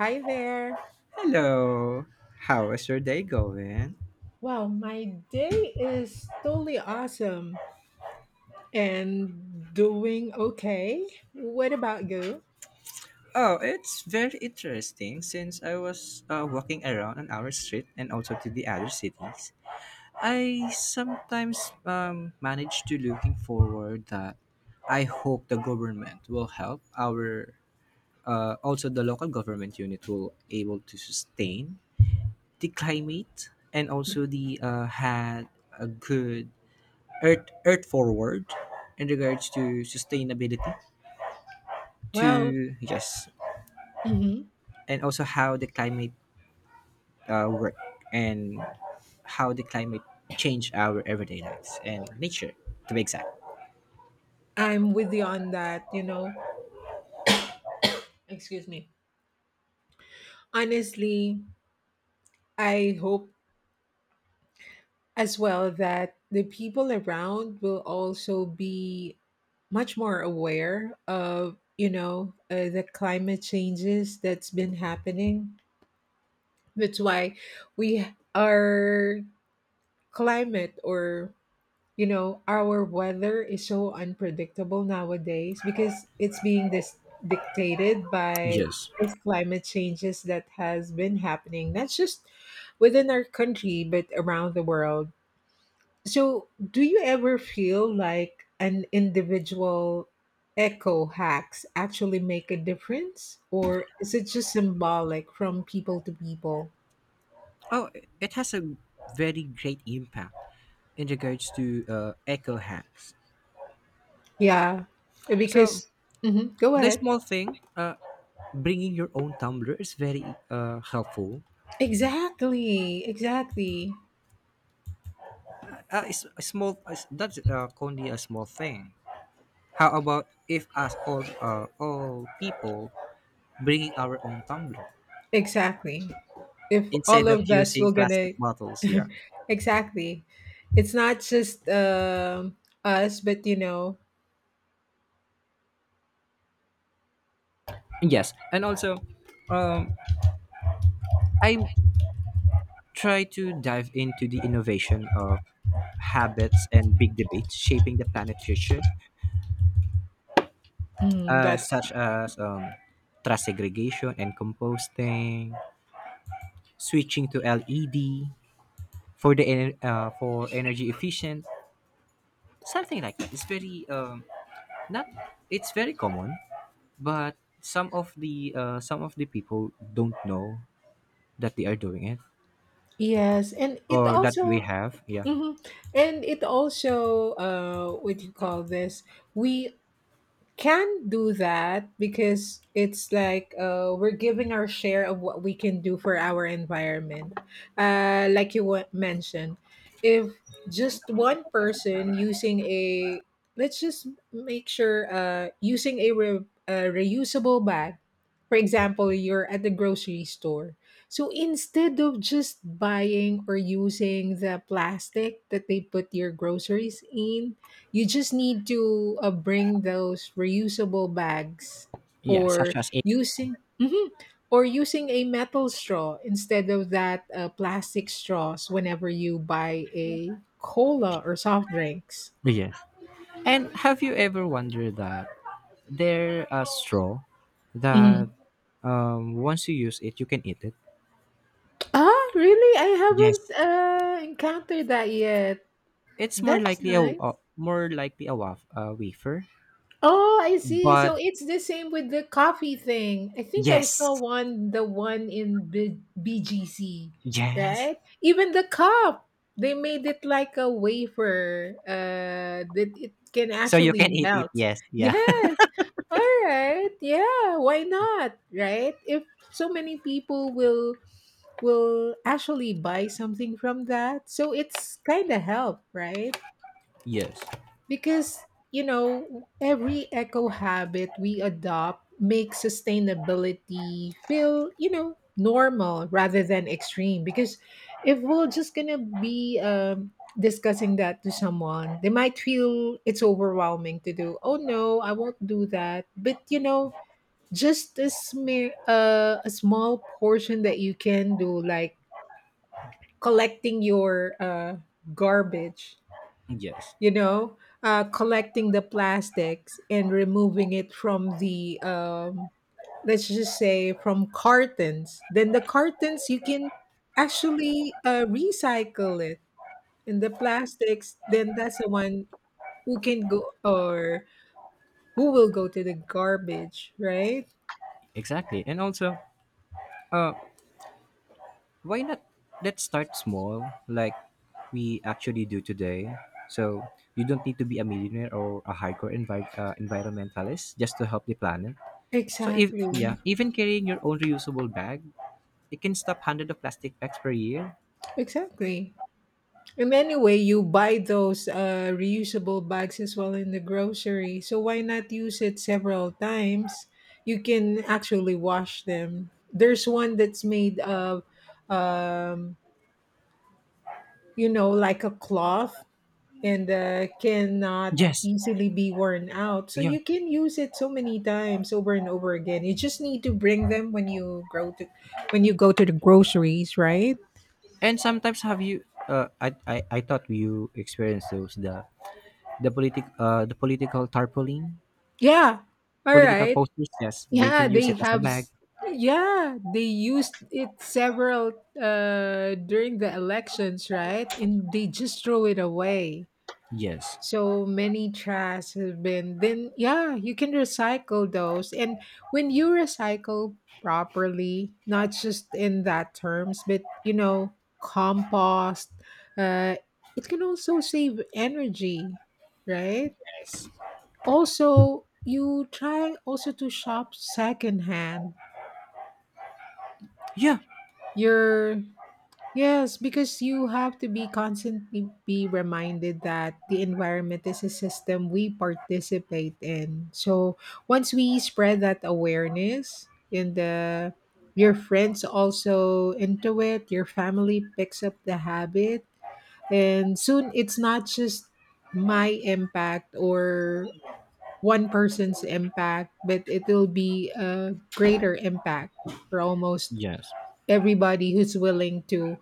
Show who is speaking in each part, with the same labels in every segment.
Speaker 1: Hi there.
Speaker 2: Hello. How is your day going?
Speaker 1: Wow, my day is totally awesome and doing okay. What about you?
Speaker 2: Oh, it's very interesting since I was walking around on our street and also to the other cities. I sometimes manage to looking forward that I hope the government will help our also the local government unit will able to sustain the climate and also the had a good earth forward in regards to sustainability
Speaker 1: Well.
Speaker 2: to yes
Speaker 1: Mhm.
Speaker 2: and also how the climate work and how the climate change our everyday lives and nature to be exact.
Speaker 1: I'm with you on that. Excuse me. Honestly, I hope as well that the people around will also be much more aware of, the climate changes that's been happening. That's why we our climate or our weather is so unpredictable nowadays because it's being dictated by
Speaker 2: Yes.
Speaker 1: these climate changes that has been happening not just within our country but around the world. So do you ever feel like an individual eco hacks actually make a difference, or is it just symbolic from people to people?
Speaker 2: Oh, it has a very great impact in regards to eco hacks,
Speaker 1: Yeah.
Speaker 2: so
Speaker 1: Because, mhm, go
Speaker 2: the
Speaker 1: ahead.
Speaker 2: small thing bringing your own tumbler is very helpful.
Speaker 1: Exactly, exactly.
Speaker 2: Uh, it's a small it's- that's uh, only a small thing. How about if us all people bringing our own tumbler
Speaker 1: Exactly. If all
Speaker 2: instead of
Speaker 1: of us
Speaker 2: using
Speaker 1: were
Speaker 2: plastic
Speaker 1: gonna,
Speaker 2: bottles, yeah.
Speaker 1: exactly, it's not just us, but
Speaker 2: Yes, and also, um, I try to dive into the innovation of habits and big debates shaping the planet future, uh,
Speaker 1: that's
Speaker 2: such as um, trash segregation and composting, switching to LED for the for energy efficient, something like that. It's very not it's very common, but some of the people don't know that they are doing it
Speaker 1: yes, and it
Speaker 2: or that we
Speaker 1: also,
Speaker 2: have, yeah.
Speaker 1: mhm. And it also, what do you call this? We can do that because it's like we're giving our share of what we can do for our environment. Like you mentioned, if just one person using a, let's just make sure, using a reusable bag. For example, you're at the grocery store. So instead of just buying or using the plastic that they put your groceries in, you just need to bring those reusable bags,
Speaker 2: Yeah, such
Speaker 1: or
Speaker 2: as a,
Speaker 1: using Mhm. Or using a metal straw instead of that plastic straws whenever you buy a cola or soft drinks.
Speaker 2: yeah. And have you ever wondered that there a straw that
Speaker 1: Mhm.
Speaker 2: once you use it you can eat it,
Speaker 1: Ah, really? I haven't
Speaker 2: yes.
Speaker 1: encountered that yet.
Speaker 2: It's more
Speaker 1: That's
Speaker 2: likely a
Speaker 1: nice.
Speaker 2: a wafer,
Speaker 1: Oh, I see. So
Speaker 2: but,
Speaker 1: it's the same with the coffee thing. I think I saw
Speaker 2: yes,
Speaker 1: one, the one in BGC,
Speaker 2: yes,
Speaker 1: right? Even the cup, they made it like a wafer, that it can
Speaker 2: so you
Speaker 1: actually
Speaker 2: can eat it,
Speaker 1: melt.
Speaker 2: yes, yeah.
Speaker 1: Yes. All right. Yeah. Why not? Right? If so many people will actually buy something from that, so it's kind of help, right?
Speaker 2: Yes,
Speaker 1: Because every eco habit we adopt makes sustainability feel, normal rather than extreme. Because if we're just gonna be discussing that to someone, they might feel it's overwhelming to do. Oh no, I won't do that. But, just a smear, a small portion that you can do, like collecting your garbage,
Speaker 2: yes,
Speaker 1: you know, collecting the plastics and removing it from the, let's just say, from cartons. Then the cartons, you can actually recycle it. And the plastics, then that's the one who can go or who will go to the garbage, right?
Speaker 2: exactly. And also uh why not let's start small, like we actually do today? So you don't need to be a millionaire or a hardcore environmentalist just to help the planet. So if,
Speaker 1: Exactly.
Speaker 2: yeah, even carrying your own reusable bag, it can stop hundreds of plastic bags per year.
Speaker 1: Exactly. And anyway, you buy those reusable bags as well in the grocery. So why not use it several times? You can actually wash them. There's one that's made of, um, like a cloth, and cannot
Speaker 2: Yes,
Speaker 1: easily be worn out. So
Speaker 2: yeah.
Speaker 1: you can use it so many times over and over again. You just need to bring them when you grow to when you go to the groceries, right?
Speaker 2: And sometimes have you? I thought you experienced those the politic the political tarpaulin
Speaker 1: Yeah. All
Speaker 2: political
Speaker 1: right.
Speaker 2: posters. Yes, they
Speaker 1: Yeah,
Speaker 2: can use
Speaker 1: they
Speaker 2: it as a
Speaker 1: have.
Speaker 2: bag.
Speaker 1: Yeah, they used it several, during the elections, right? And they just throw it away.
Speaker 2: Yes.
Speaker 1: So many trash has been. Then yeah, you can recycle those. And when you recycle properly, not just in that terms, but compost. Uh, it can also save energy, right?
Speaker 2: Yes.
Speaker 1: Also, you try also to shop secondhand.
Speaker 2: Yeah.
Speaker 1: You're yes, because you have to be constantly be reminded that the environment is a system we participate in. So once we spread that awareness in the your friends also into it, your family picks up the habit. And soon it's not just my impact or one person's impact, but it will be a greater impact for almost
Speaker 2: Yes.
Speaker 1: everybody who's willing to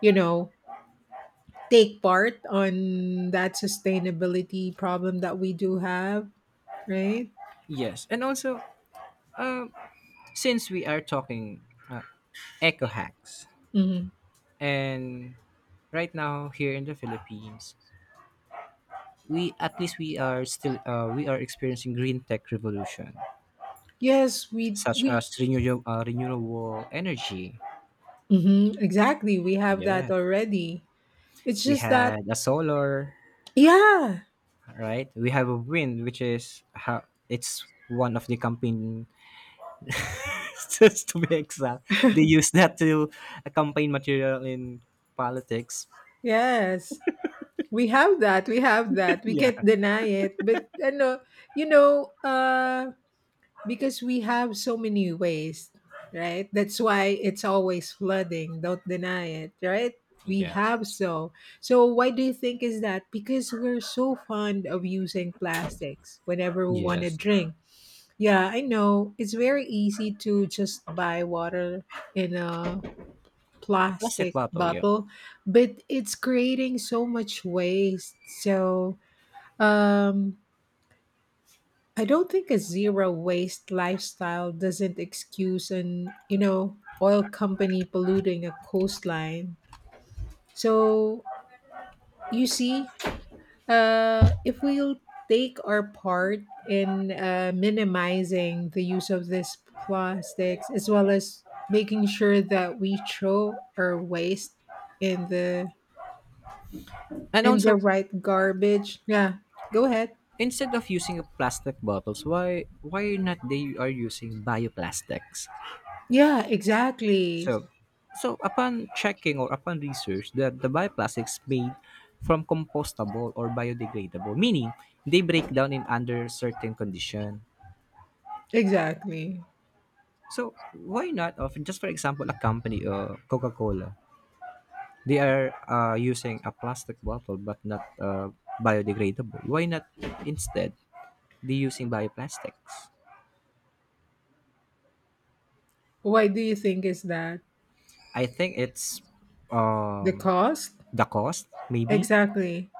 Speaker 1: you know take part on that sustainability problem that we do have, right?
Speaker 2: Yes, and also, uh, since we are talking uh, eco hacks,
Speaker 1: Hmm.
Speaker 2: and right now here in the Philippines, we at least we are still we are experiencing green tech revolution,
Speaker 1: Yes, we
Speaker 2: such
Speaker 1: we
Speaker 2: as renewable renewable energy.
Speaker 1: mhm, exactly, we have that
Speaker 2: Yeah,
Speaker 1: already. It's
Speaker 2: we
Speaker 1: just that,
Speaker 2: had a solar,
Speaker 1: yeah.
Speaker 2: right? We have a wind, which is how it's one of the campaign. Just to be exact, they use that to a campaign material in politics.
Speaker 1: Yes, we have that, we
Speaker 2: Yeah.
Speaker 1: can't deny it but ano, you know uh because we have so many ways, right? That's why it's always flooding. Don't deny it, right? We
Speaker 2: Yeah.
Speaker 1: have so. So why do you think is that? Because we're so fond of using plastics whenever we want to
Speaker 2: Yes,
Speaker 1: drink. Yeah, I know. It's very easy to just buy water in a
Speaker 2: a plastic
Speaker 1: plastic
Speaker 2: bottle. Yeah,
Speaker 1: bottle, but it's creating so much waste. So um I don't think a zero waste lifestyle doesn't excuse an, oil company polluting a coastline. So, you see, if we'll take our part in minimizing the use of these plastics, as well as making sure that we throw our waste in the
Speaker 2: and
Speaker 1: in the
Speaker 2: also
Speaker 1: right garbage. Yeah, go ahead.
Speaker 2: instead of using a plastic bottles, why not they are using bioplastics?
Speaker 1: Yeah, exactly.
Speaker 2: So, so upon checking or upon research that the bioplastics made from compostable or biodegradable, meaning they break down in under certain condition.
Speaker 1: Exactly.
Speaker 2: So why not of just for example a company Coca Cola, they are using a plastic bottle but not biodegradable. Why not instead reusing bioplastics?
Speaker 1: Why do you think is that?
Speaker 2: I think it's
Speaker 1: The
Speaker 2: um,
Speaker 1: cost?
Speaker 2: the cost, maybe.
Speaker 1: Exactly.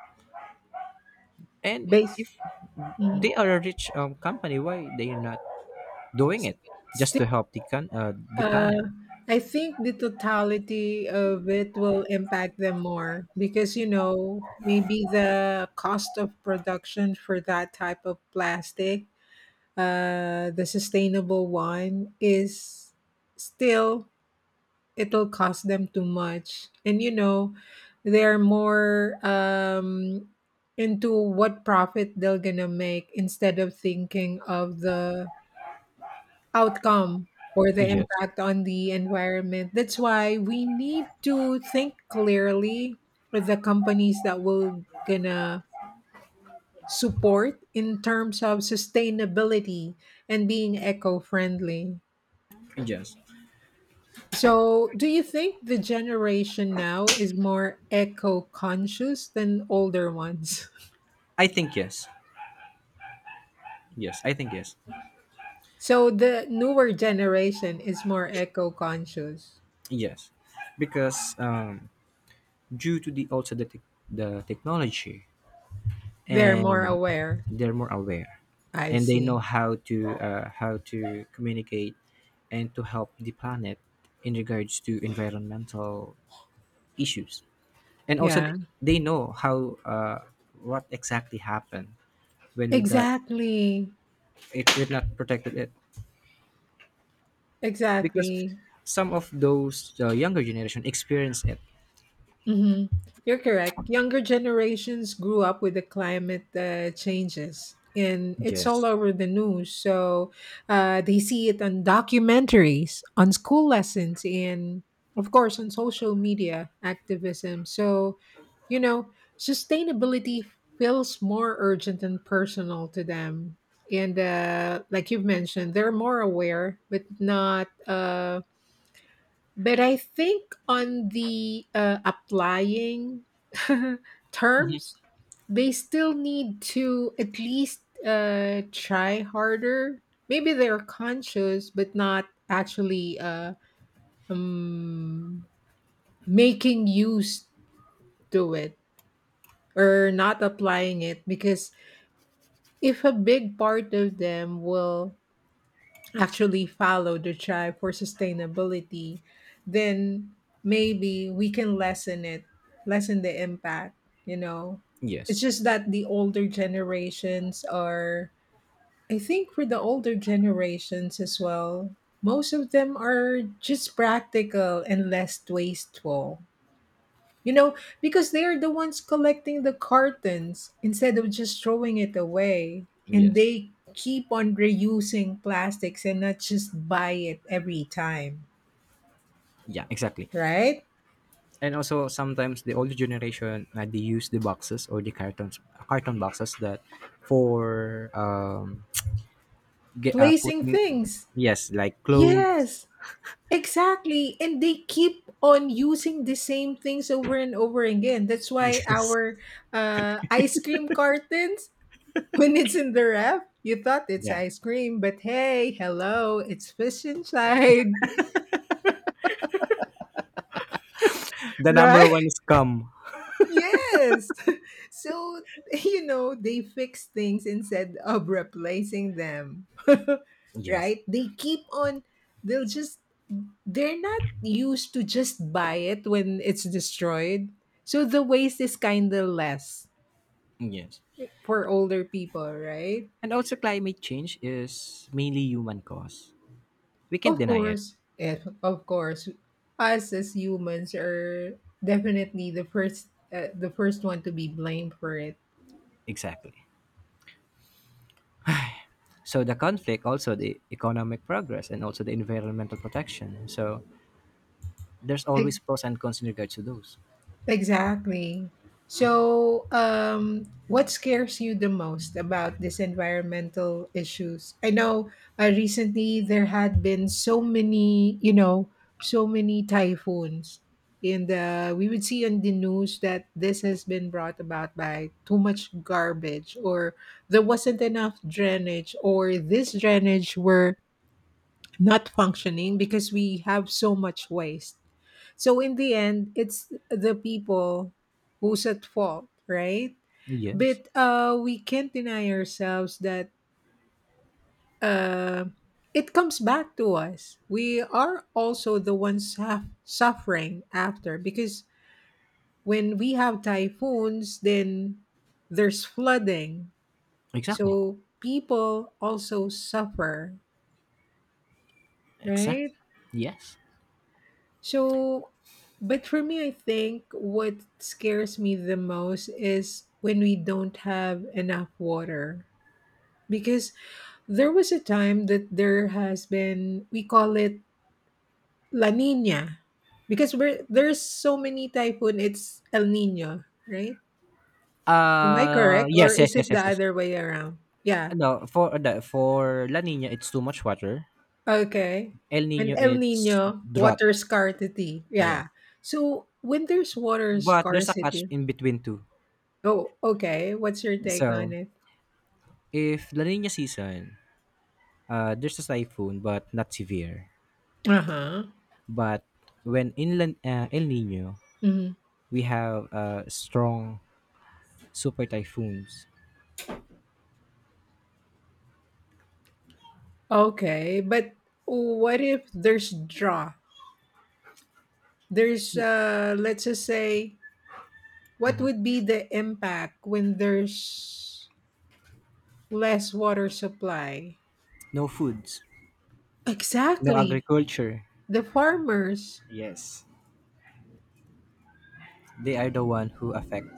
Speaker 2: And
Speaker 1: Base.
Speaker 2: if
Speaker 1: Mhm.
Speaker 2: they are a rich company, why they are not doing
Speaker 1: s-
Speaker 2: it just
Speaker 1: Still,
Speaker 2: to help the the planet?
Speaker 1: uh I think the totality of it will impact them more, because maybe the cost of production for that type of plastic, the sustainable one, is still it'll cost them too much, and they're more, into what profit they're gonna make, instead of thinking of the outcome or the
Speaker 2: Yes,
Speaker 1: impact on the environment. That's why we need to think clearly with the companies that we're gonna support in terms of sustainability and being eco-friendly.
Speaker 2: yes.
Speaker 1: So, do you think the generation now is more eco-conscious than older ones?
Speaker 2: I think yes, yes. I think yes,
Speaker 1: So, the newer generation is more eco-conscious.
Speaker 2: yes. Because due to the also the tech the technology
Speaker 1: They're more
Speaker 2: and
Speaker 1: aware.
Speaker 2: they're more aware
Speaker 1: I
Speaker 2: and they
Speaker 1: see.
Speaker 2: know how to communicate and to help the planet in regards to environmental issues and also
Speaker 1: Yeah.
Speaker 2: they know how what exactly happened when we got
Speaker 1: Exactly.
Speaker 2: it we're not protected it because
Speaker 1: Exactly.
Speaker 2: some of those younger generation experience it,
Speaker 1: hmm You're correct. Younger generations grew up with the climate, changes, and it's all
Speaker 2: yes.
Speaker 1: over the news. So, they see it on documentaries, on school lessons, and of course on social media activism. So, you know, sustainability feels more urgent and personal to them. And, like you've mentioned, they're more aware, but not. But I think on the, applying
Speaker 2: Mhm,
Speaker 1: terms, they still need to at least, try harder. Maybe they're conscious, but not actually, um, making use to it, or not applying it. Because if a big part of them will actually follow the drive for sustainability, then maybe we can lessen it, lessen the impact, you know.
Speaker 2: yes,
Speaker 1: It's just that the older generations are. I think for the older generations as well, most of them are just practical and less wasteful. You know, because they are the ones collecting the cartons instead of just throwing it away. And
Speaker 2: yes,
Speaker 1: they keep on reusing plastics and not just buy it every time,
Speaker 2: yeah, exactly.
Speaker 1: right?
Speaker 2: And also sometimes the older generation they use the boxes or the cartons carton boxes that for get
Speaker 1: Placing
Speaker 2: putting,
Speaker 1: things.
Speaker 2: yes, like clothes.
Speaker 1: Yes, exactly. And they keep on using the same things over and over again. That's why
Speaker 2: Yes,
Speaker 1: our, ice cream cartons, when it's in the ref, you thought it's
Speaker 2: yeah,
Speaker 1: ice cream, but hey, hello, it's fish inside,
Speaker 2: the
Speaker 1: right?
Speaker 2: number one is come,
Speaker 1: Yes. So, they fix things instead of replacing them.
Speaker 2: yes,
Speaker 1: Right? They keep on, they'll just, they're not used to just buy it when it's destroyed. So the waste is kind of less
Speaker 2: yes.
Speaker 1: for older people, right?
Speaker 2: And also climate change is mainly human cause, we can't
Speaker 1: Of
Speaker 2: deny it,
Speaker 1: course. If, Of course, us as humans are definitely the first one to be blamed for it.
Speaker 2: exactly. So the conflict also the economic progress and also the environmental protection, so there's always pros and cons in regards to those,
Speaker 1: Exactly. So, what scares you the most about these environmental issues? I know, recently there had been so many typhoons, and, we would see on the news that this has been brought about by too much garbage, or there wasn't enough drainage, or this drainage were not functioning because we have so much waste. So in the end, it's the people who's at fault, right?
Speaker 2: yes,
Speaker 1: But, we can't deny ourselves that, uh, it comes back to us. We are also the ones suffering after because when we have typhoons, then there's flooding.
Speaker 2: exactly.
Speaker 1: So people also suffer,
Speaker 2: Exact.
Speaker 1: right?
Speaker 2: Yes.
Speaker 1: So, but for me, I think what scares me the most is when we don't have enough water. Because there was a time that there has been, we call it La Nina. Because there's so many typhoon, it's El Nino, right? Am I correct? Or
Speaker 2: Yes, yes,
Speaker 1: is
Speaker 2: yes,
Speaker 1: it the
Speaker 2: yes, yes.
Speaker 1: other way around? Yeah.
Speaker 2: No, for the for La Nina it's too much water.
Speaker 1: Okay.
Speaker 2: El
Speaker 1: And
Speaker 2: Nino
Speaker 1: El
Speaker 2: it's
Speaker 1: Nino,
Speaker 2: drought.
Speaker 1: water scarcity.
Speaker 2: Yes.
Speaker 1: Yeah. So when there's water
Speaker 2: But there's a catch
Speaker 1: scarcity.
Speaker 2: in between too.
Speaker 1: Oh, okay. What's your take on
Speaker 2: So
Speaker 1: it?
Speaker 2: if La Nina season, there's a typhoon but not severe.
Speaker 1: Uh-huh.
Speaker 2: But when in La, El Nino,
Speaker 1: Mhm.
Speaker 2: we have strong super typhoons.
Speaker 1: Okay, but what if there's draw? There's,
Speaker 2: Y-
Speaker 1: let's just say, what would be the impact when there's less water supply?
Speaker 2: No foods, no
Speaker 1: Exactly.
Speaker 2: agriculture.
Speaker 1: The farmers
Speaker 2: Yes. They are the one who affect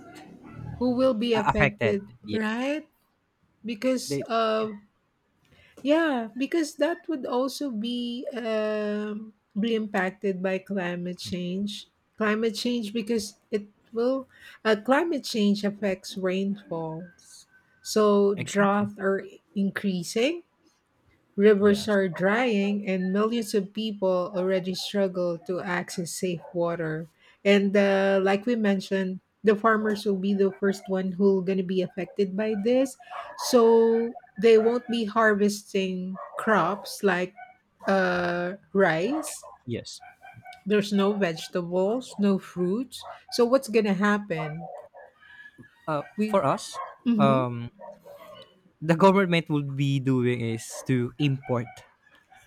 Speaker 1: who will be
Speaker 2: affected.
Speaker 1: affected,
Speaker 2: Yes.
Speaker 1: right? Because
Speaker 2: They, yeah,
Speaker 1: of. Yeah, because that would also be impacted by climate change. Climate change because it will climate change affects rainfalls. So
Speaker 2: exactly.
Speaker 1: drought are increasing. Rivers
Speaker 2: Yes.
Speaker 1: are drying, and millions of people already struggle to access safe water. And, like we mentioned, the farmers will be the first one who going to be affected by this. So they won't be harvesting crops like, rice.
Speaker 2: Yes.
Speaker 1: There's no vegetables, no fruits. So what's going to happen?
Speaker 2: Uh,
Speaker 1: We.
Speaker 2: for us,
Speaker 1: Mhm.
Speaker 2: um, the government would be doing is to import.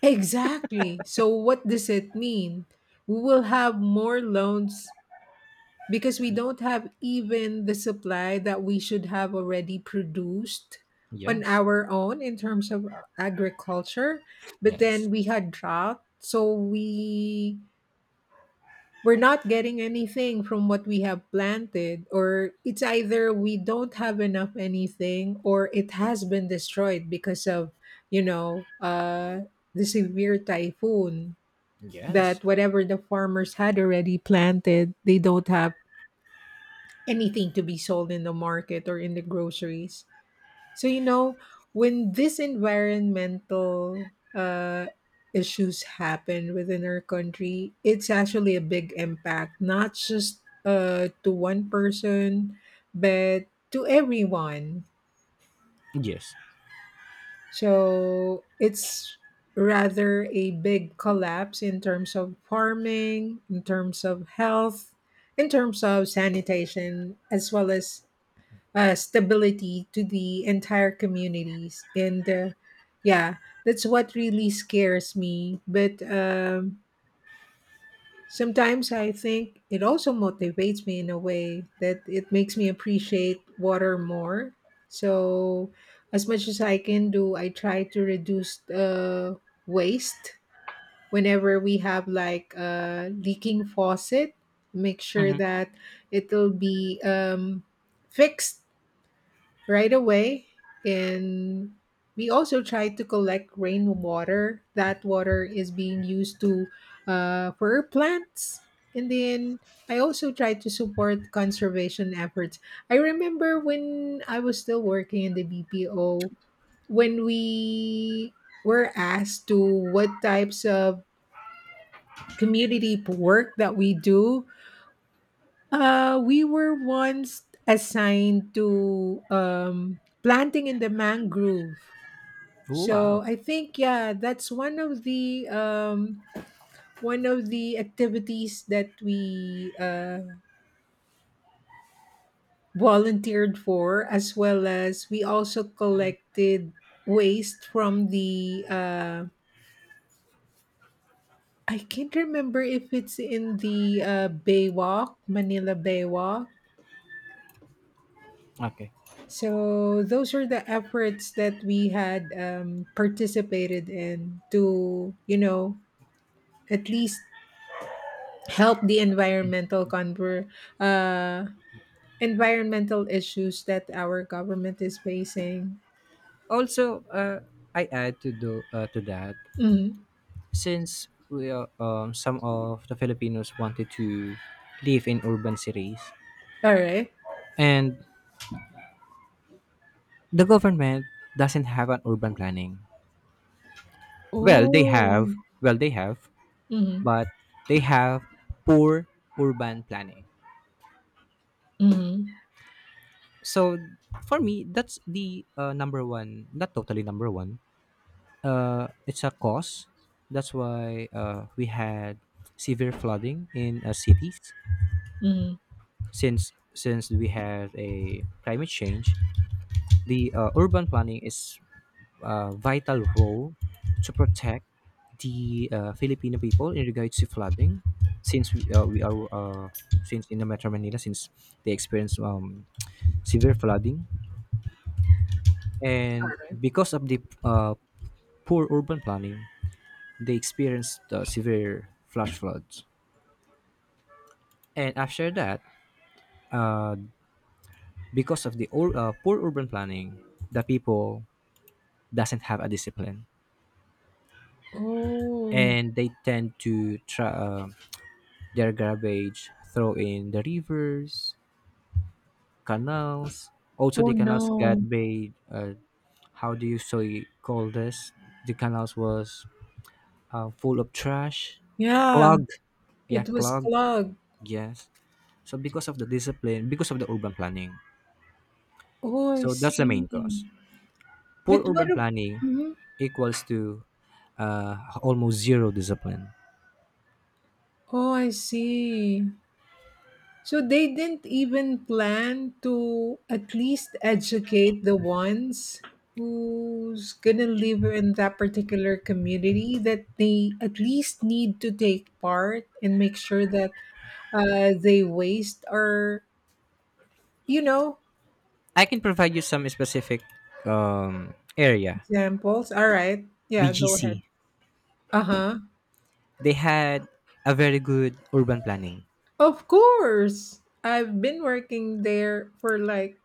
Speaker 1: Exactly. So what does it mean? We will have more loans because we don't have even the supply that we should have already produced on
Speaker 2: Yes,
Speaker 1: our own in terms of agriculture, but
Speaker 2: yes,
Speaker 1: then we had drought, so we're not getting anything from what we have planted, or it's either we don't have enough anything or it has been destroyed because of you know uh the severe typhoon,
Speaker 2: yes,
Speaker 1: that whatever the farmers had already planted, they don't have anything to be sold in the market or in the groceries. So when this environmental issues happen within our country, it's actually a big impact, not just to one person, but to everyone.
Speaker 2: yes.
Speaker 1: So it's rather a big collapse in terms of farming, in terms of health, in terms of sanitation, as well as stability to the entire communities and yeah, that's what really scares me. But sometimes I think it also motivates me in a way that it makes me appreciate water more. So as much as I can do, I try to reduce waste. Whenever we have like a leaking faucet, make sure
Speaker 2: Oh,
Speaker 1: that it'll be fixed right away. And we also try to collect rainwater. That water is being used to, for our plants. And then I also try to support conservation efforts. I remember when I was still working in the BPO, when we were asked to what types of community work that we do, we were once assigned to planting in the mangrove. So
Speaker 2: wow.
Speaker 1: I think, yeah, that's one of the activities that we volunteered for, as well as we also collected waste from the. I can't remember if it's in the Baywalk, Manila Baywalk.
Speaker 2: Okay.
Speaker 1: So those are the efforts that we had participated in to, you know, at least help the uh, environmental issues that our government is facing.
Speaker 2: Also, I add to do to that
Speaker 1: Mhm.
Speaker 2: since we are, some of the Filipinos wanted to live in urban cities,
Speaker 1: All right.
Speaker 2: and the government doesn't have an urban planning. Well, they
Speaker 1: Oh.
Speaker 2: have. Well, they have,
Speaker 1: Mm-hmm.
Speaker 2: but they have poor urban planning.
Speaker 1: Mm-hmm.
Speaker 2: So for me, that's the number one, not totally number one. It's a cause. That's why we had severe flooding in cities
Speaker 1: Mm-hmm.
Speaker 2: since we had a climate change. The urban planning is vital role to protect the Filipino people in regards to flooding, since we are since in the Metro Manila, since they experience severe flooding, and because of the poor urban planning, they experienced severe flash floods. And after that, uh, because of the poor urban planning, the people doesn't have a discipline,
Speaker 1: Oh.
Speaker 2: and they tend to try. Their garbage throw in the rivers, canals. Also,
Speaker 1: Oh
Speaker 2: the canals got
Speaker 1: no.
Speaker 2: made. How do you so you call this? The canals was full of trash,
Speaker 1: Yeah.
Speaker 2: clogged. Yeah,
Speaker 1: It was
Speaker 2: clogged.
Speaker 1: clogged.
Speaker 2: Yes. So because of the discipline, because of the urban planning.
Speaker 1: Oh, I
Speaker 2: So that's the
Speaker 1: see.
Speaker 2: main cause. Poor
Speaker 1: But what?
Speaker 2: urban planning
Speaker 1: Mm
Speaker 2: equals to almost zero discipline.
Speaker 1: Oh, I see. So they didn't even plan to at least educate the ones who's gonna live in that particular community, that they at least need to take part and make sure that they waste or you know
Speaker 2: I can provide you some specific area,
Speaker 1: examples. All right, yeah, go ahead.
Speaker 2: BGC.
Speaker 1: Uh huh.
Speaker 2: They had a very good urban planning.
Speaker 1: Of course, I've been working there for like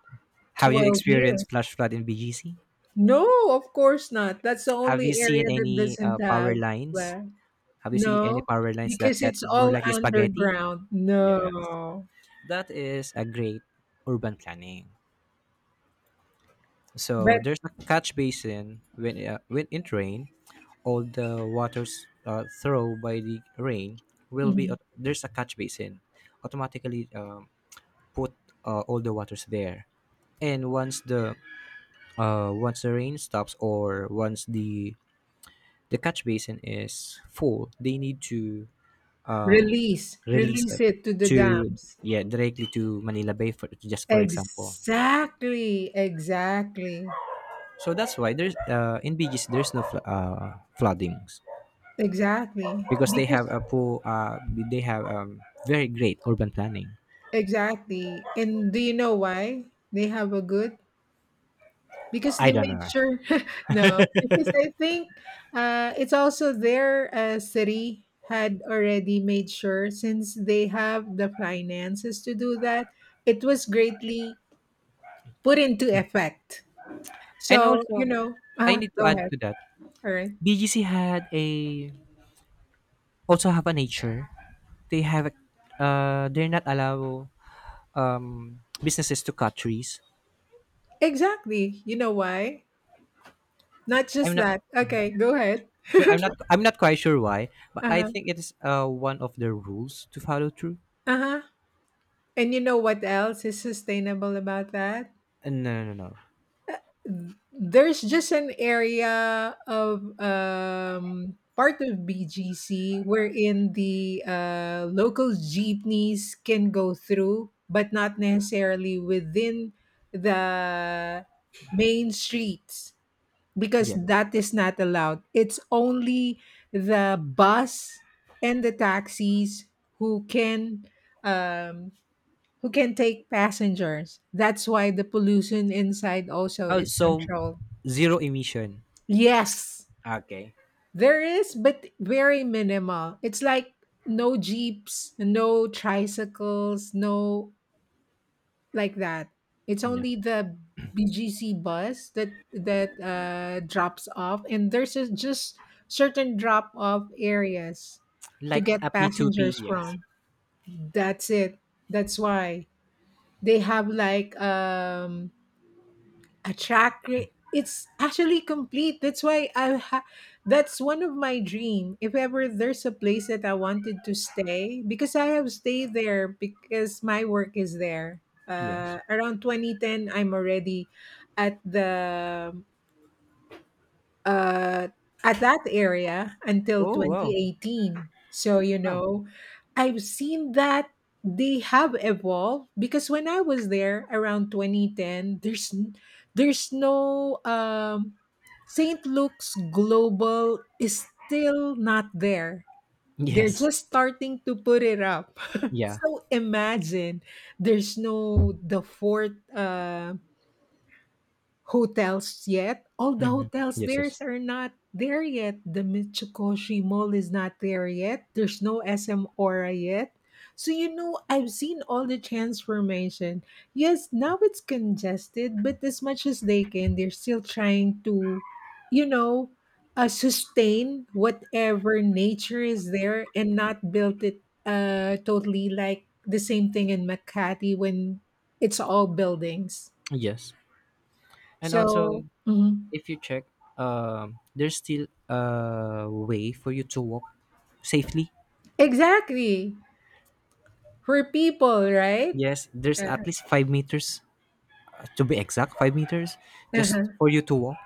Speaker 2: Have you
Speaker 1: 12 years.
Speaker 2: experienced flash flood in BGC?
Speaker 1: No, of course not. That's the
Speaker 2: Have you
Speaker 1: only
Speaker 2: seen
Speaker 1: area that
Speaker 2: any
Speaker 1: doesn't
Speaker 2: power
Speaker 1: have.
Speaker 2: lines?
Speaker 1: uh,
Speaker 2: Have you seen any
Speaker 1: No,
Speaker 2: power lines that
Speaker 1: because
Speaker 2: get
Speaker 1: it's
Speaker 2: more
Speaker 1: all
Speaker 2: like the spaghetti?
Speaker 1: underground. No.
Speaker 2: That is a great urban planning.
Speaker 1: But
Speaker 2: So there's a catch basin when in rain, all the waters throw by the rain will be
Speaker 1: Mhm.
Speaker 2: there's a catch basin, automatically put all the waters there. And once the rain stops or once the catch basin is full, they need to um,
Speaker 1: Release,
Speaker 2: release
Speaker 1: release
Speaker 2: it
Speaker 1: it to the
Speaker 2: to,
Speaker 1: dams.
Speaker 2: yeah, directly to Manila Bay for just for example. Yeah.
Speaker 1: Exactly, exactly,
Speaker 2: So that's why there's in BGC there's no floodings
Speaker 1: exactly.
Speaker 2: because they have
Speaker 1: Because,
Speaker 2: a pool. They have very great urban planning.
Speaker 1: exactly. And do you know why they have a good? Because
Speaker 2: I
Speaker 1: they
Speaker 2: don't
Speaker 1: make
Speaker 2: know.
Speaker 1: sure, no, because I think it's also their city had already made sure, since they have the finances to do that, it was greatly put into effect.
Speaker 2: And
Speaker 1: So,
Speaker 2: also, I need to
Speaker 1: go
Speaker 2: add
Speaker 1: ahead.
Speaker 2: to that.
Speaker 1: All right.
Speaker 2: BGC had a also have a nature. They have a, they're not allow businesses to cut trees.
Speaker 1: Exactly. You know why? Not just
Speaker 2: I'm not
Speaker 1: that. Okay, go ahead.
Speaker 2: sure. I'm not. I'm not quite sure why, but I
Speaker 1: Uh-huh.
Speaker 2: think it is one of the rules to follow through.
Speaker 1: Uh-huh. And you know what else is sustainable about that?
Speaker 2: No, no, no, no.
Speaker 1: There's just an area of part of BGC wherein the local jeepneys can go through, but not necessarily within the main streets, because
Speaker 2: Yeah.
Speaker 1: that is not allowed. It's only the bus and the taxis who can um, who can take passengers. That's why the pollution inside also
Speaker 2: Oh,
Speaker 1: is
Speaker 2: so
Speaker 1: controlled.
Speaker 2: zero emission.
Speaker 1: Yes,
Speaker 2: Okay.
Speaker 1: there is, but very minimal. It's like no jeeps, no tricycles, no, like that. It's
Speaker 2: Yeah.
Speaker 1: only the BGC bus that drops off, and there's a, just certain drop off areas to
Speaker 2: Like
Speaker 1: get
Speaker 2: a P2P.
Speaker 1: passengers
Speaker 2: Yes.
Speaker 1: from. That's it. That's why they have like a track. It's actually complete. That's why that's one of my dream. If ever there's a place that I wanted to stay, because I have stayed there because my work is there,
Speaker 2: Yes.
Speaker 1: around 2010. I'm already at the uh, at that area until
Speaker 2: Oh wow.
Speaker 1: 2018. So, you
Speaker 2: Wow.
Speaker 1: know, I've seen that they have evolved, because when I was there around 2010, there's no St. Luke's Global is still not there. They're
Speaker 2: Yes.
Speaker 1: just starting to put it up.
Speaker 2: Yeah.
Speaker 1: So imagine there's no the fourth hotels yet. All the
Speaker 2: Hmm.
Speaker 1: hotels
Speaker 2: Yes.
Speaker 1: there
Speaker 2: Yes.
Speaker 1: are not there yet. The Mitsukoshi Mall is not there yet. There's no SM Aura yet. So you know, I've seen all the transformation. Yes, now it's congested, but as much as they can, they're still trying to, you know, sustain whatever nature is there and not built it totally, like the same thing in Makati when it's all buildings.
Speaker 2: Yes. And also,
Speaker 1: So, mhm.
Speaker 2: if you check, there's still a way for you to walk safely.
Speaker 1: Exactly. We're people, right?
Speaker 2: Yes. There's
Speaker 1: Uh,
Speaker 2: at least 5 meters to be exact, 5 meters just
Speaker 1: uh-huh.
Speaker 2: for you to walk.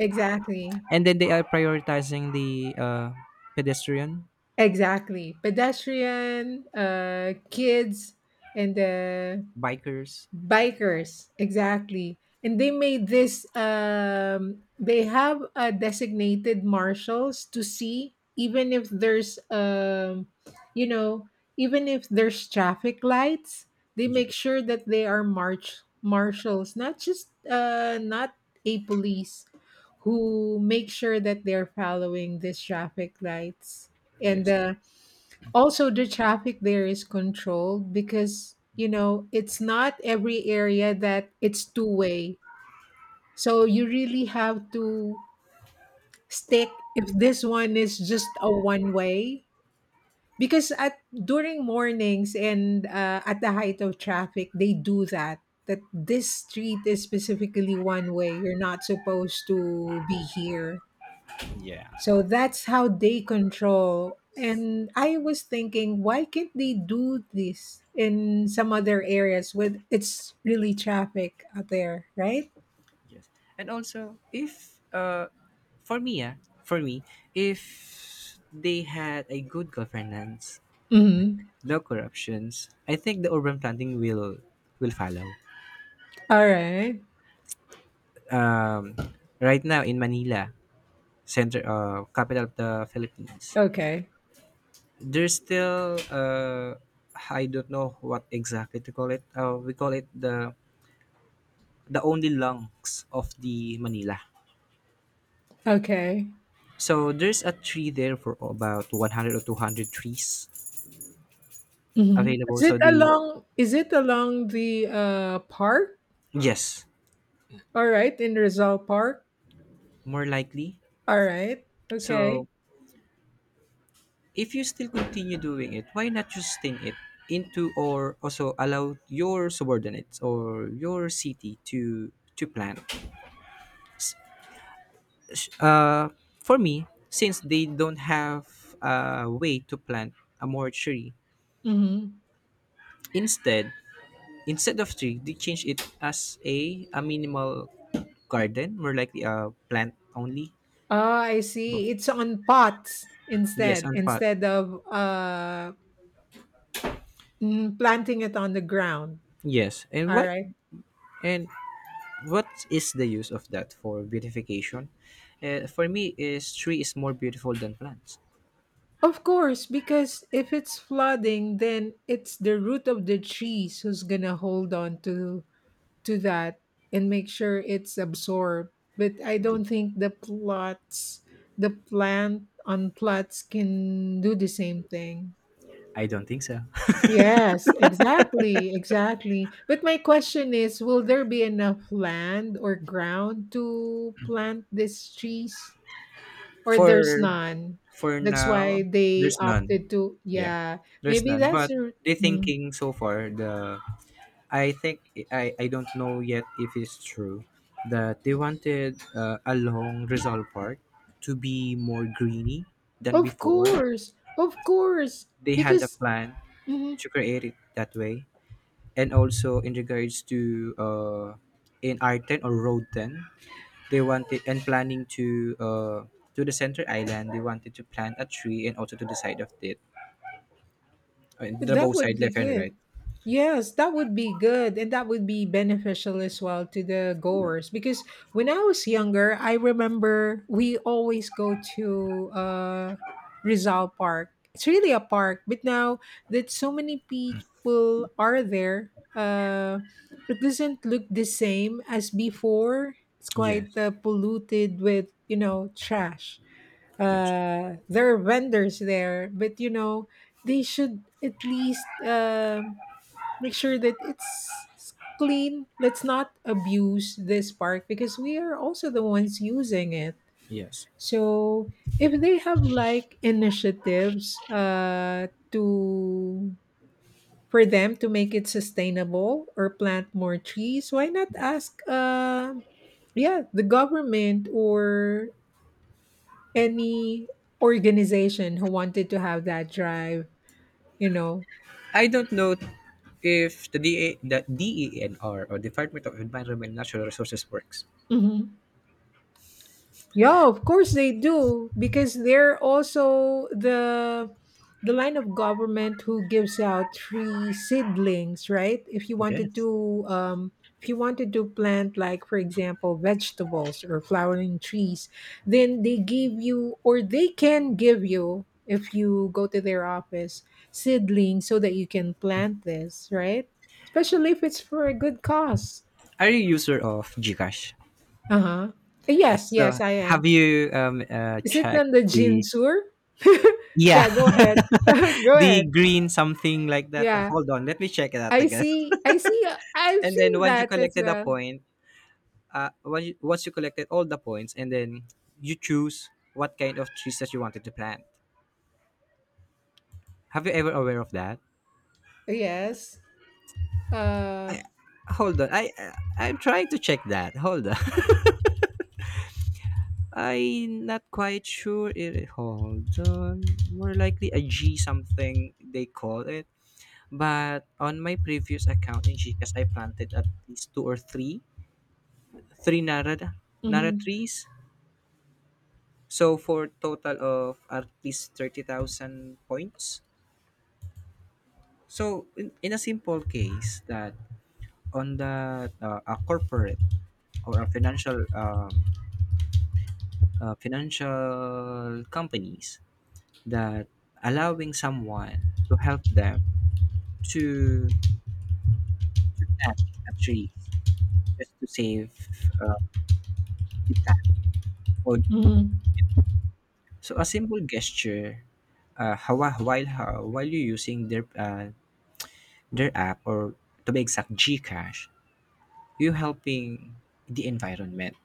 Speaker 1: Exactly.
Speaker 2: And then they are prioritizing the pedestrian,
Speaker 1: Exactly. Pedestrian, kids, and
Speaker 2: bikers.
Speaker 1: bikers, exactly. And they made this they have designated marshals to see even if there's you know, even if there's traffic lights, they make
Speaker 2: Yes,
Speaker 1: sure that they are march marshals, not just not a police who make sure that they're following these traffic lights. And
Speaker 2: yes,
Speaker 1: also the traffic there is controlled, because you know it's not every area that it's two way, so you really have to stick if this one is just a one way, because at during mornings and at the height of traffic, they do that that this street is specifically one way, you're not supposed to be here. So that's how they control. And I was thinking, why can't they do this in some other areas with it's really traffic out there, right?
Speaker 2: yes. And also, if for me, yeah, for me, if they had a good governance,
Speaker 1: Mm-hmm.
Speaker 2: no corruptions, I think the urban planning will follow.
Speaker 1: All right.
Speaker 2: Um, right now in Manila, center, capital of the Philippines,
Speaker 1: Okay.
Speaker 2: there's still I don't know what exactly to call it. We call it the only lungs of the Manila.
Speaker 1: Okay.
Speaker 2: So there's a tree there for about 100 or 200 trees
Speaker 1: Mhm.
Speaker 2: available.
Speaker 1: Is it
Speaker 2: So the,
Speaker 1: along? Is it along the park?
Speaker 2: yes,
Speaker 1: All right, in Rizal Park.
Speaker 2: more likely.
Speaker 1: All right. Okay.
Speaker 2: So if you still continue doing it, why not just sting it into or also allow your subordinates or your city to plant sh- uh, for me, since they don't have a way to plant a more tree,
Speaker 1: Mm-hmm.
Speaker 2: instead, instead of tree, they change it as a minimal garden, more likely a plant only.
Speaker 1: Ah, I see. It's on pots,
Speaker 2: Yes,
Speaker 1: instead,
Speaker 2: on pot.
Speaker 1: instead of planting it on the ground.
Speaker 2: Yes, and
Speaker 1: All
Speaker 2: why?
Speaker 1: right.
Speaker 2: And what is the use of that for beautification? For me, is tree is more beautiful than plants.
Speaker 1: Of course, because if it's flooding, then it's the root of the trees who's gonna hold on to that and make sure it's absorbed. But I
Speaker 2: Yeah.
Speaker 1: don't think the plots, the plant on plots can do the same thing.
Speaker 2: I don't think so.
Speaker 1: Yes, exactly, exactly. But my question is, will there be enough land or ground to plant these trees? Or there's
Speaker 2: For
Speaker 1: none.
Speaker 2: for
Speaker 1: That's why
Speaker 2: now,
Speaker 1: they
Speaker 2: there's none.
Speaker 1: opted to,
Speaker 2: Yeah,
Speaker 1: yeah,
Speaker 2: there's
Speaker 1: maybe
Speaker 2: none.
Speaker 1: that's
Speaker 2: But
Speaker 1: a,
Speaker 2: the
Speaker 1: Mm.
Speaker 2: thinking so far, the I think I don't know yet if it's true that they wanted along Rizal Park to be more greeny than
Speaker 1: Of
Speaker 2: before.
Speaker 1: course, of course,
Speaker 2: They had a
Speaker 1: because
Speaker 2: plan
Speaker 1: mhm,
Speaker 2: to create it that way, and also in regards to uh in R10 or Road 10, they wanted and planning to the center island. They wanted to plant a tree and also to the side of it, the
Speaker 1: that
Speaker 2: both
Speaker 1: would
Speaker 2: side
Speaker 1: be
Speaker 2: left and
Speaker 1: good.
Speaker 2: right.
Speaker 1: Yes, that would be good. And that would be beneficial as well to the goers. Because when I was younger, I remember we always go to Rizal Park. It's really a park. But now that so many people are there, it doesn't look the same as before. It's quite
Speaker 2: Yes.
Speaker 1: polluted with, you know, trash.
Speaker 2: Yes.
Speaker 1: There are vendors there, but you know they should at least make sure that clean. Let's not abuse this park, because we are also the ones using it.
Speaker 2: Yes.
Speaker 1: So if they have like initiatives to for them to make it sustainable or plant more trees, why not
Speaker 2: Yes.
Speaker 1: ask yeah, the government or any organization who wanted to have that drive, you know.
Speaker 2: I don't know if the DA, the DENR or Department of Environment and Natural Resources works.
Speaker 1: Mhm. Yeah, of course they do, because they're also the line of government who gives out free seedlings, right? If you wanted
Speaker 2: Yes.
Speaker 1: to if you wanted to plant, like for example vegetables or flowering trees, then they give you, or they can give you if you go to their office seedlings, so that you can plant this, right? Especially if it's for a good cause.
Speaker 2: Are you a user of Gcash?
Speaker 1: Uh-huh. Yes, yes,
Speaker 2: So
Speaker 1: I
Speaker 2: have
Speaker 1: am.
Speaker 2: you
Speaker 1: Is it on
Speaker 2: checked
Speaker 1: the Jin
Speaker 2: the,
Speaker 1: Sur? Yeah,
Speaker 2: yeah,
Speaker 1: go ahead. Go
Speaker 2: the
Speaker 1: ahead.
Speaker 2: green something like that?
Speaker 1: Yeah.
Speaker 2: Hold on, let me check it out
Speaker 1: I
Speaker 2: again.
Speaker 1: see, I see I've
Speaker 2: And then
Speaker 1: seen
Speaker 2: once you
Speaker 1: that as
Speaker 2: collected a
Speaker 1: well.
Speaker 2: point, once you collected all the points, and then you choose what kind of trees that you wanted to plant. Have you ever aware of that?
Speaker 1: Yes. Uh
Speaker 2: I hold on. I I'm trying to check that. Hold on. I'm not quite sure. It hold on. More likely a G something they call it. But on my previous account in Gcash, I planted at least two or three, three Narada, Nara
Speaker 1: mhm,
Speaker 2: trees. So for total of at least 30,000 points. So in a simple case that on the a corporate or a financial financial companies that allowing someone to help them to, to plant a tree just to save uh, the plant or the environment.
Speaker 1: mhm.
Speaker 2: So a simple gesture, while you using their app or to be exact Gcash, you helping the environment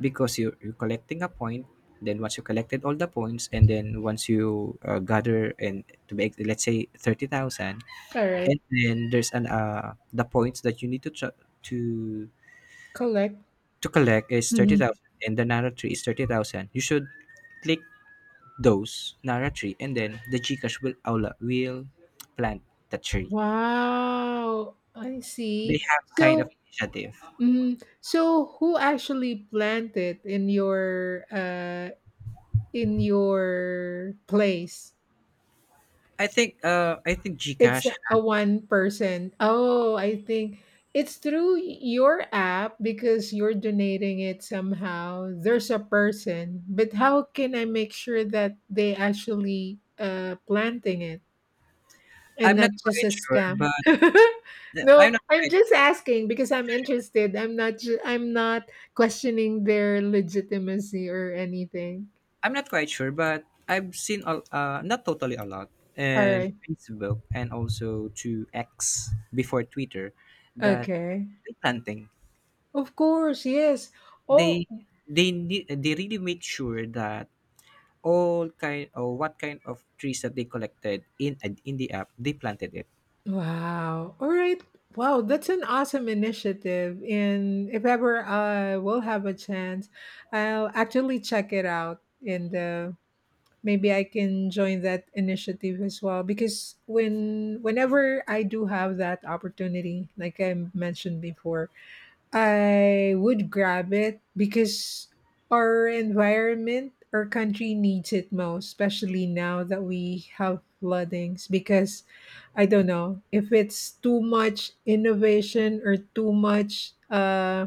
Speaker 2: because you're collecting a point. Then once you collected all the points, and then once you gather and to make let's say 30,000,
Speaker 1: All right.
Speaker 2: and then there's an the points that you need to to
Speaker 1: Collect.
Speaker 2: to collect is
Speaker 1: Mhm.
Speaker 2: 30,000 and the Nara tree is 30,000. You should click those Nara tree and then the Gcash will aula will plant the tree.
Speaker 1: Wow. I see.
Speaker 2: They have kind
Speaker 1: So
Speaker 2: of initiative.
Speaker 1: mhm. So who actually planted in your place?
Speaker 2: I think
Speaker 1: It's
Speaker 2: Gcash
Speaker 1: a one person. Oh, I think it's through your app, because you're donating it somehow. There's a person, but how can I make sure that they actually planting it and
Speaker 2: I'm
Speaker 1: not
Speaker 2: not
Speaker 1: just
Speaker 2: quite
Speaker 1: a
Speaker 2: sure
Speaker 1: scam?
Speaker 2: but
Speaker 1: No,
Speaker 2: I'm not
Speaker 1: I'm
Speaker 2: quite sure.
Speaker 1: just asking because I'm interested. I'm not questioning their legitimacy or anything.
Speaker 2: I'm not quite sure but I've seen a, not totally a lot
Speaker 1: All
Speaker 2: and
Speaker 1: right.
Speaker 2: Facebook and also to X before Twitter that
Speaker 1: Okay.
Speaker 2: tree planting
Speaker 1: Of course, yes.
Speaker 2: they
Speaker 1: Oh,
Speaker 2: they need they really made sure that all kind or what kind of trees that they collected in the app they planted it.
Speaker 1: wow. All right. Wow, that's an awesome initiative. And if ever I will have a chance, I'll actually check it out. And maybe I can join that initiative as well. Because whenever I do have that opportunity, like I mentioned before, I would grab it, because our environment, our country needs it most, especially now that we have floodings. Because I don't know if it's too much innovation or too much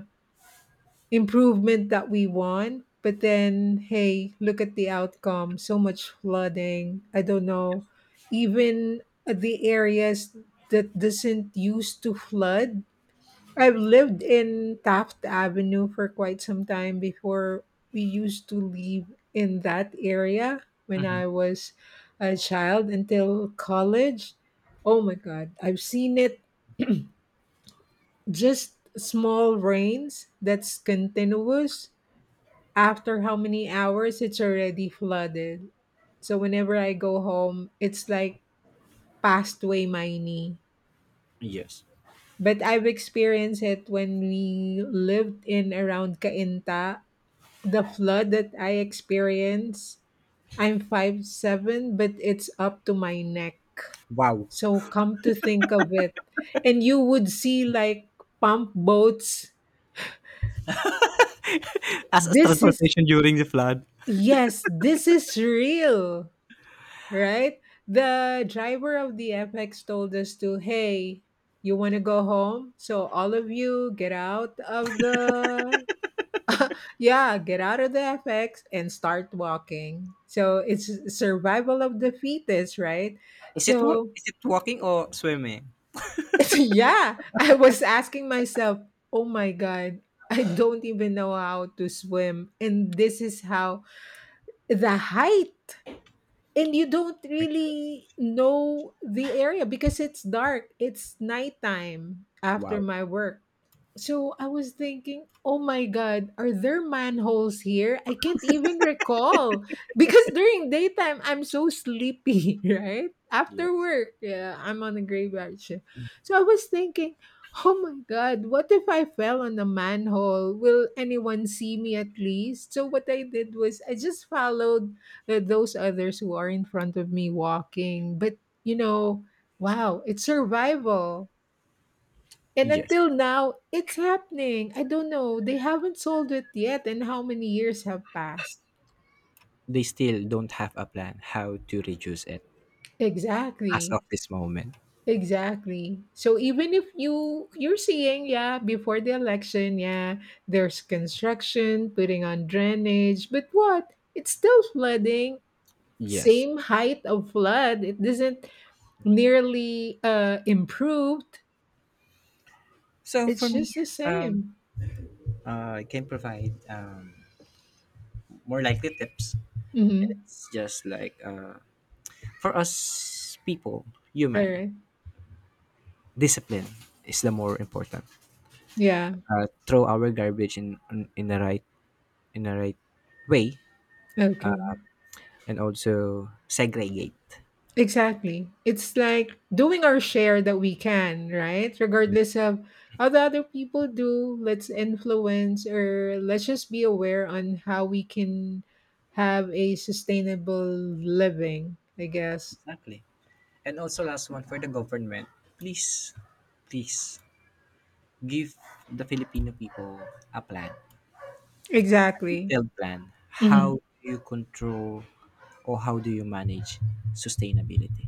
Speaker 1: improvement that we want. But then, hey, look at the outcome, so much flooding. I don't know. Even the areas that doesn't used to flood, I've lived in Taft Avenue for quite some time before. We used to live in that area when
Speaker 2: Hmm,
Speaker 1: I was a child until college. Oh my god, I've seen it. Just small rains that's continuous, after how many hours it's already flooded. So whenever I go home, it's like passed way my knee.
Speaker 2: yes,
Speaker 1: But I've experienced it when we lived in around Cainta, the flood that I experienced. I'm 5'7", but it's up to my neck.
Speaker 2: wow.
Speaker 1: So come to think of it, and you would see like pump boats.
Speaker 2: As a
Speaker 1: This is
Speaker 2: transportation during the flood.
Speaker 1: yes, this is real, right? The driver of the FX told us to, hey, you want to go home? So all of you get out of the Yeah, get out of the FX and start walking. So it's survival of the fittest, right?
Speaker 2: Is it
Speaker 1: So
Speaker 2: is it walking or swimming?
Speaker 1: yeah, I was asking myself, oh my God, I don't even know how to swim. And this is how the height. And you don't really know the area because it's dark. It's nighttime after
Speaker 2: Wow.
Speaker 1: my work. So I was thinking, oh my God, are there manholes here? I can't even recall, because during daytime, I'm so sleepy, right? After work, yeah, I'm on a graveyard shift. So I was thinking, oh my God, what if I fell on a manhole? Will anyone see me at least? So what I did was I just followed those others who are in front of me walking. But you know, wow, it's survival. And
Speaker 2: Yes,
Speaker 1: until now, it's happening. I don't know. They haven't solved it yet, and how many years have passed?
Speaker 2: they still don't have a plan how to reduce it as
Speaker 1: Exactly.
Speaker 2: of this moment,
Speaker 1: Exactly. So even if you you're seeing, yeah, before the election, yeah, there's construction, putting on drainage, but what? It's still flooding.
Speaker 2: yes.
Speaker 1: Same height of flood. It doesn't nearly improved.
Speaker 2: So for
Speaker 1: It's just
Speaker 2: me
Speaker 1: the
Speaker 2: um
Speaker 1: same.
Speaker 2: I can provide more likely tips,
Speaker 1: Mhm.
Speaker 2: it's just like for us people, human,
Speaker 1: Alright.
Speaker 2: discipline is the more important.
Speaker 1: Yeah.
Speaker 2: Throw our garbage in in the right in the right way,
Speaker 1: Okay.
Speaker 2: and also segregate.
Speaker 1: Exactly. It's like doing our share that we can, right? Regardless of how the other people do, let's influence or let's just be aware on how we can have a sustainable living, I guess.
Speaker 2: Exactly. And also last one for the government, please, please give the Filipino people a plan, a
Speaker 1: Exactly.
Speaker 2: detailed plan. How
Speaker 1: Mhm.
Speaker 2: do you control or how do you manage sustainability?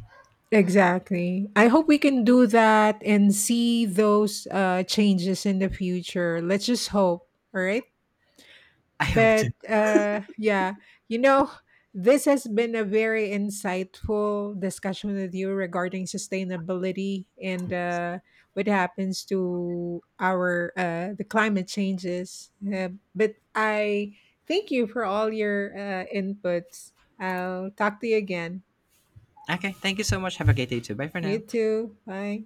Speaker 1: Exactly. I hope we can do that and see those changes in the future. Let's just hope. All right.
Speaker 2: I hope
Speaker 1: But
Speaker 2: to.
Speaker 1: yeah, you know, this has been a very insightful discussion with you regarding sustainability and what happens to our the climate changes. But I thank you for all your inputs. I'll talk to you again.
Speaker 2: Okay, thank you so much. Have a great day too. Bye for
Speaker 1: You
Speaker 2: now.
Speaker 1: too. Bye.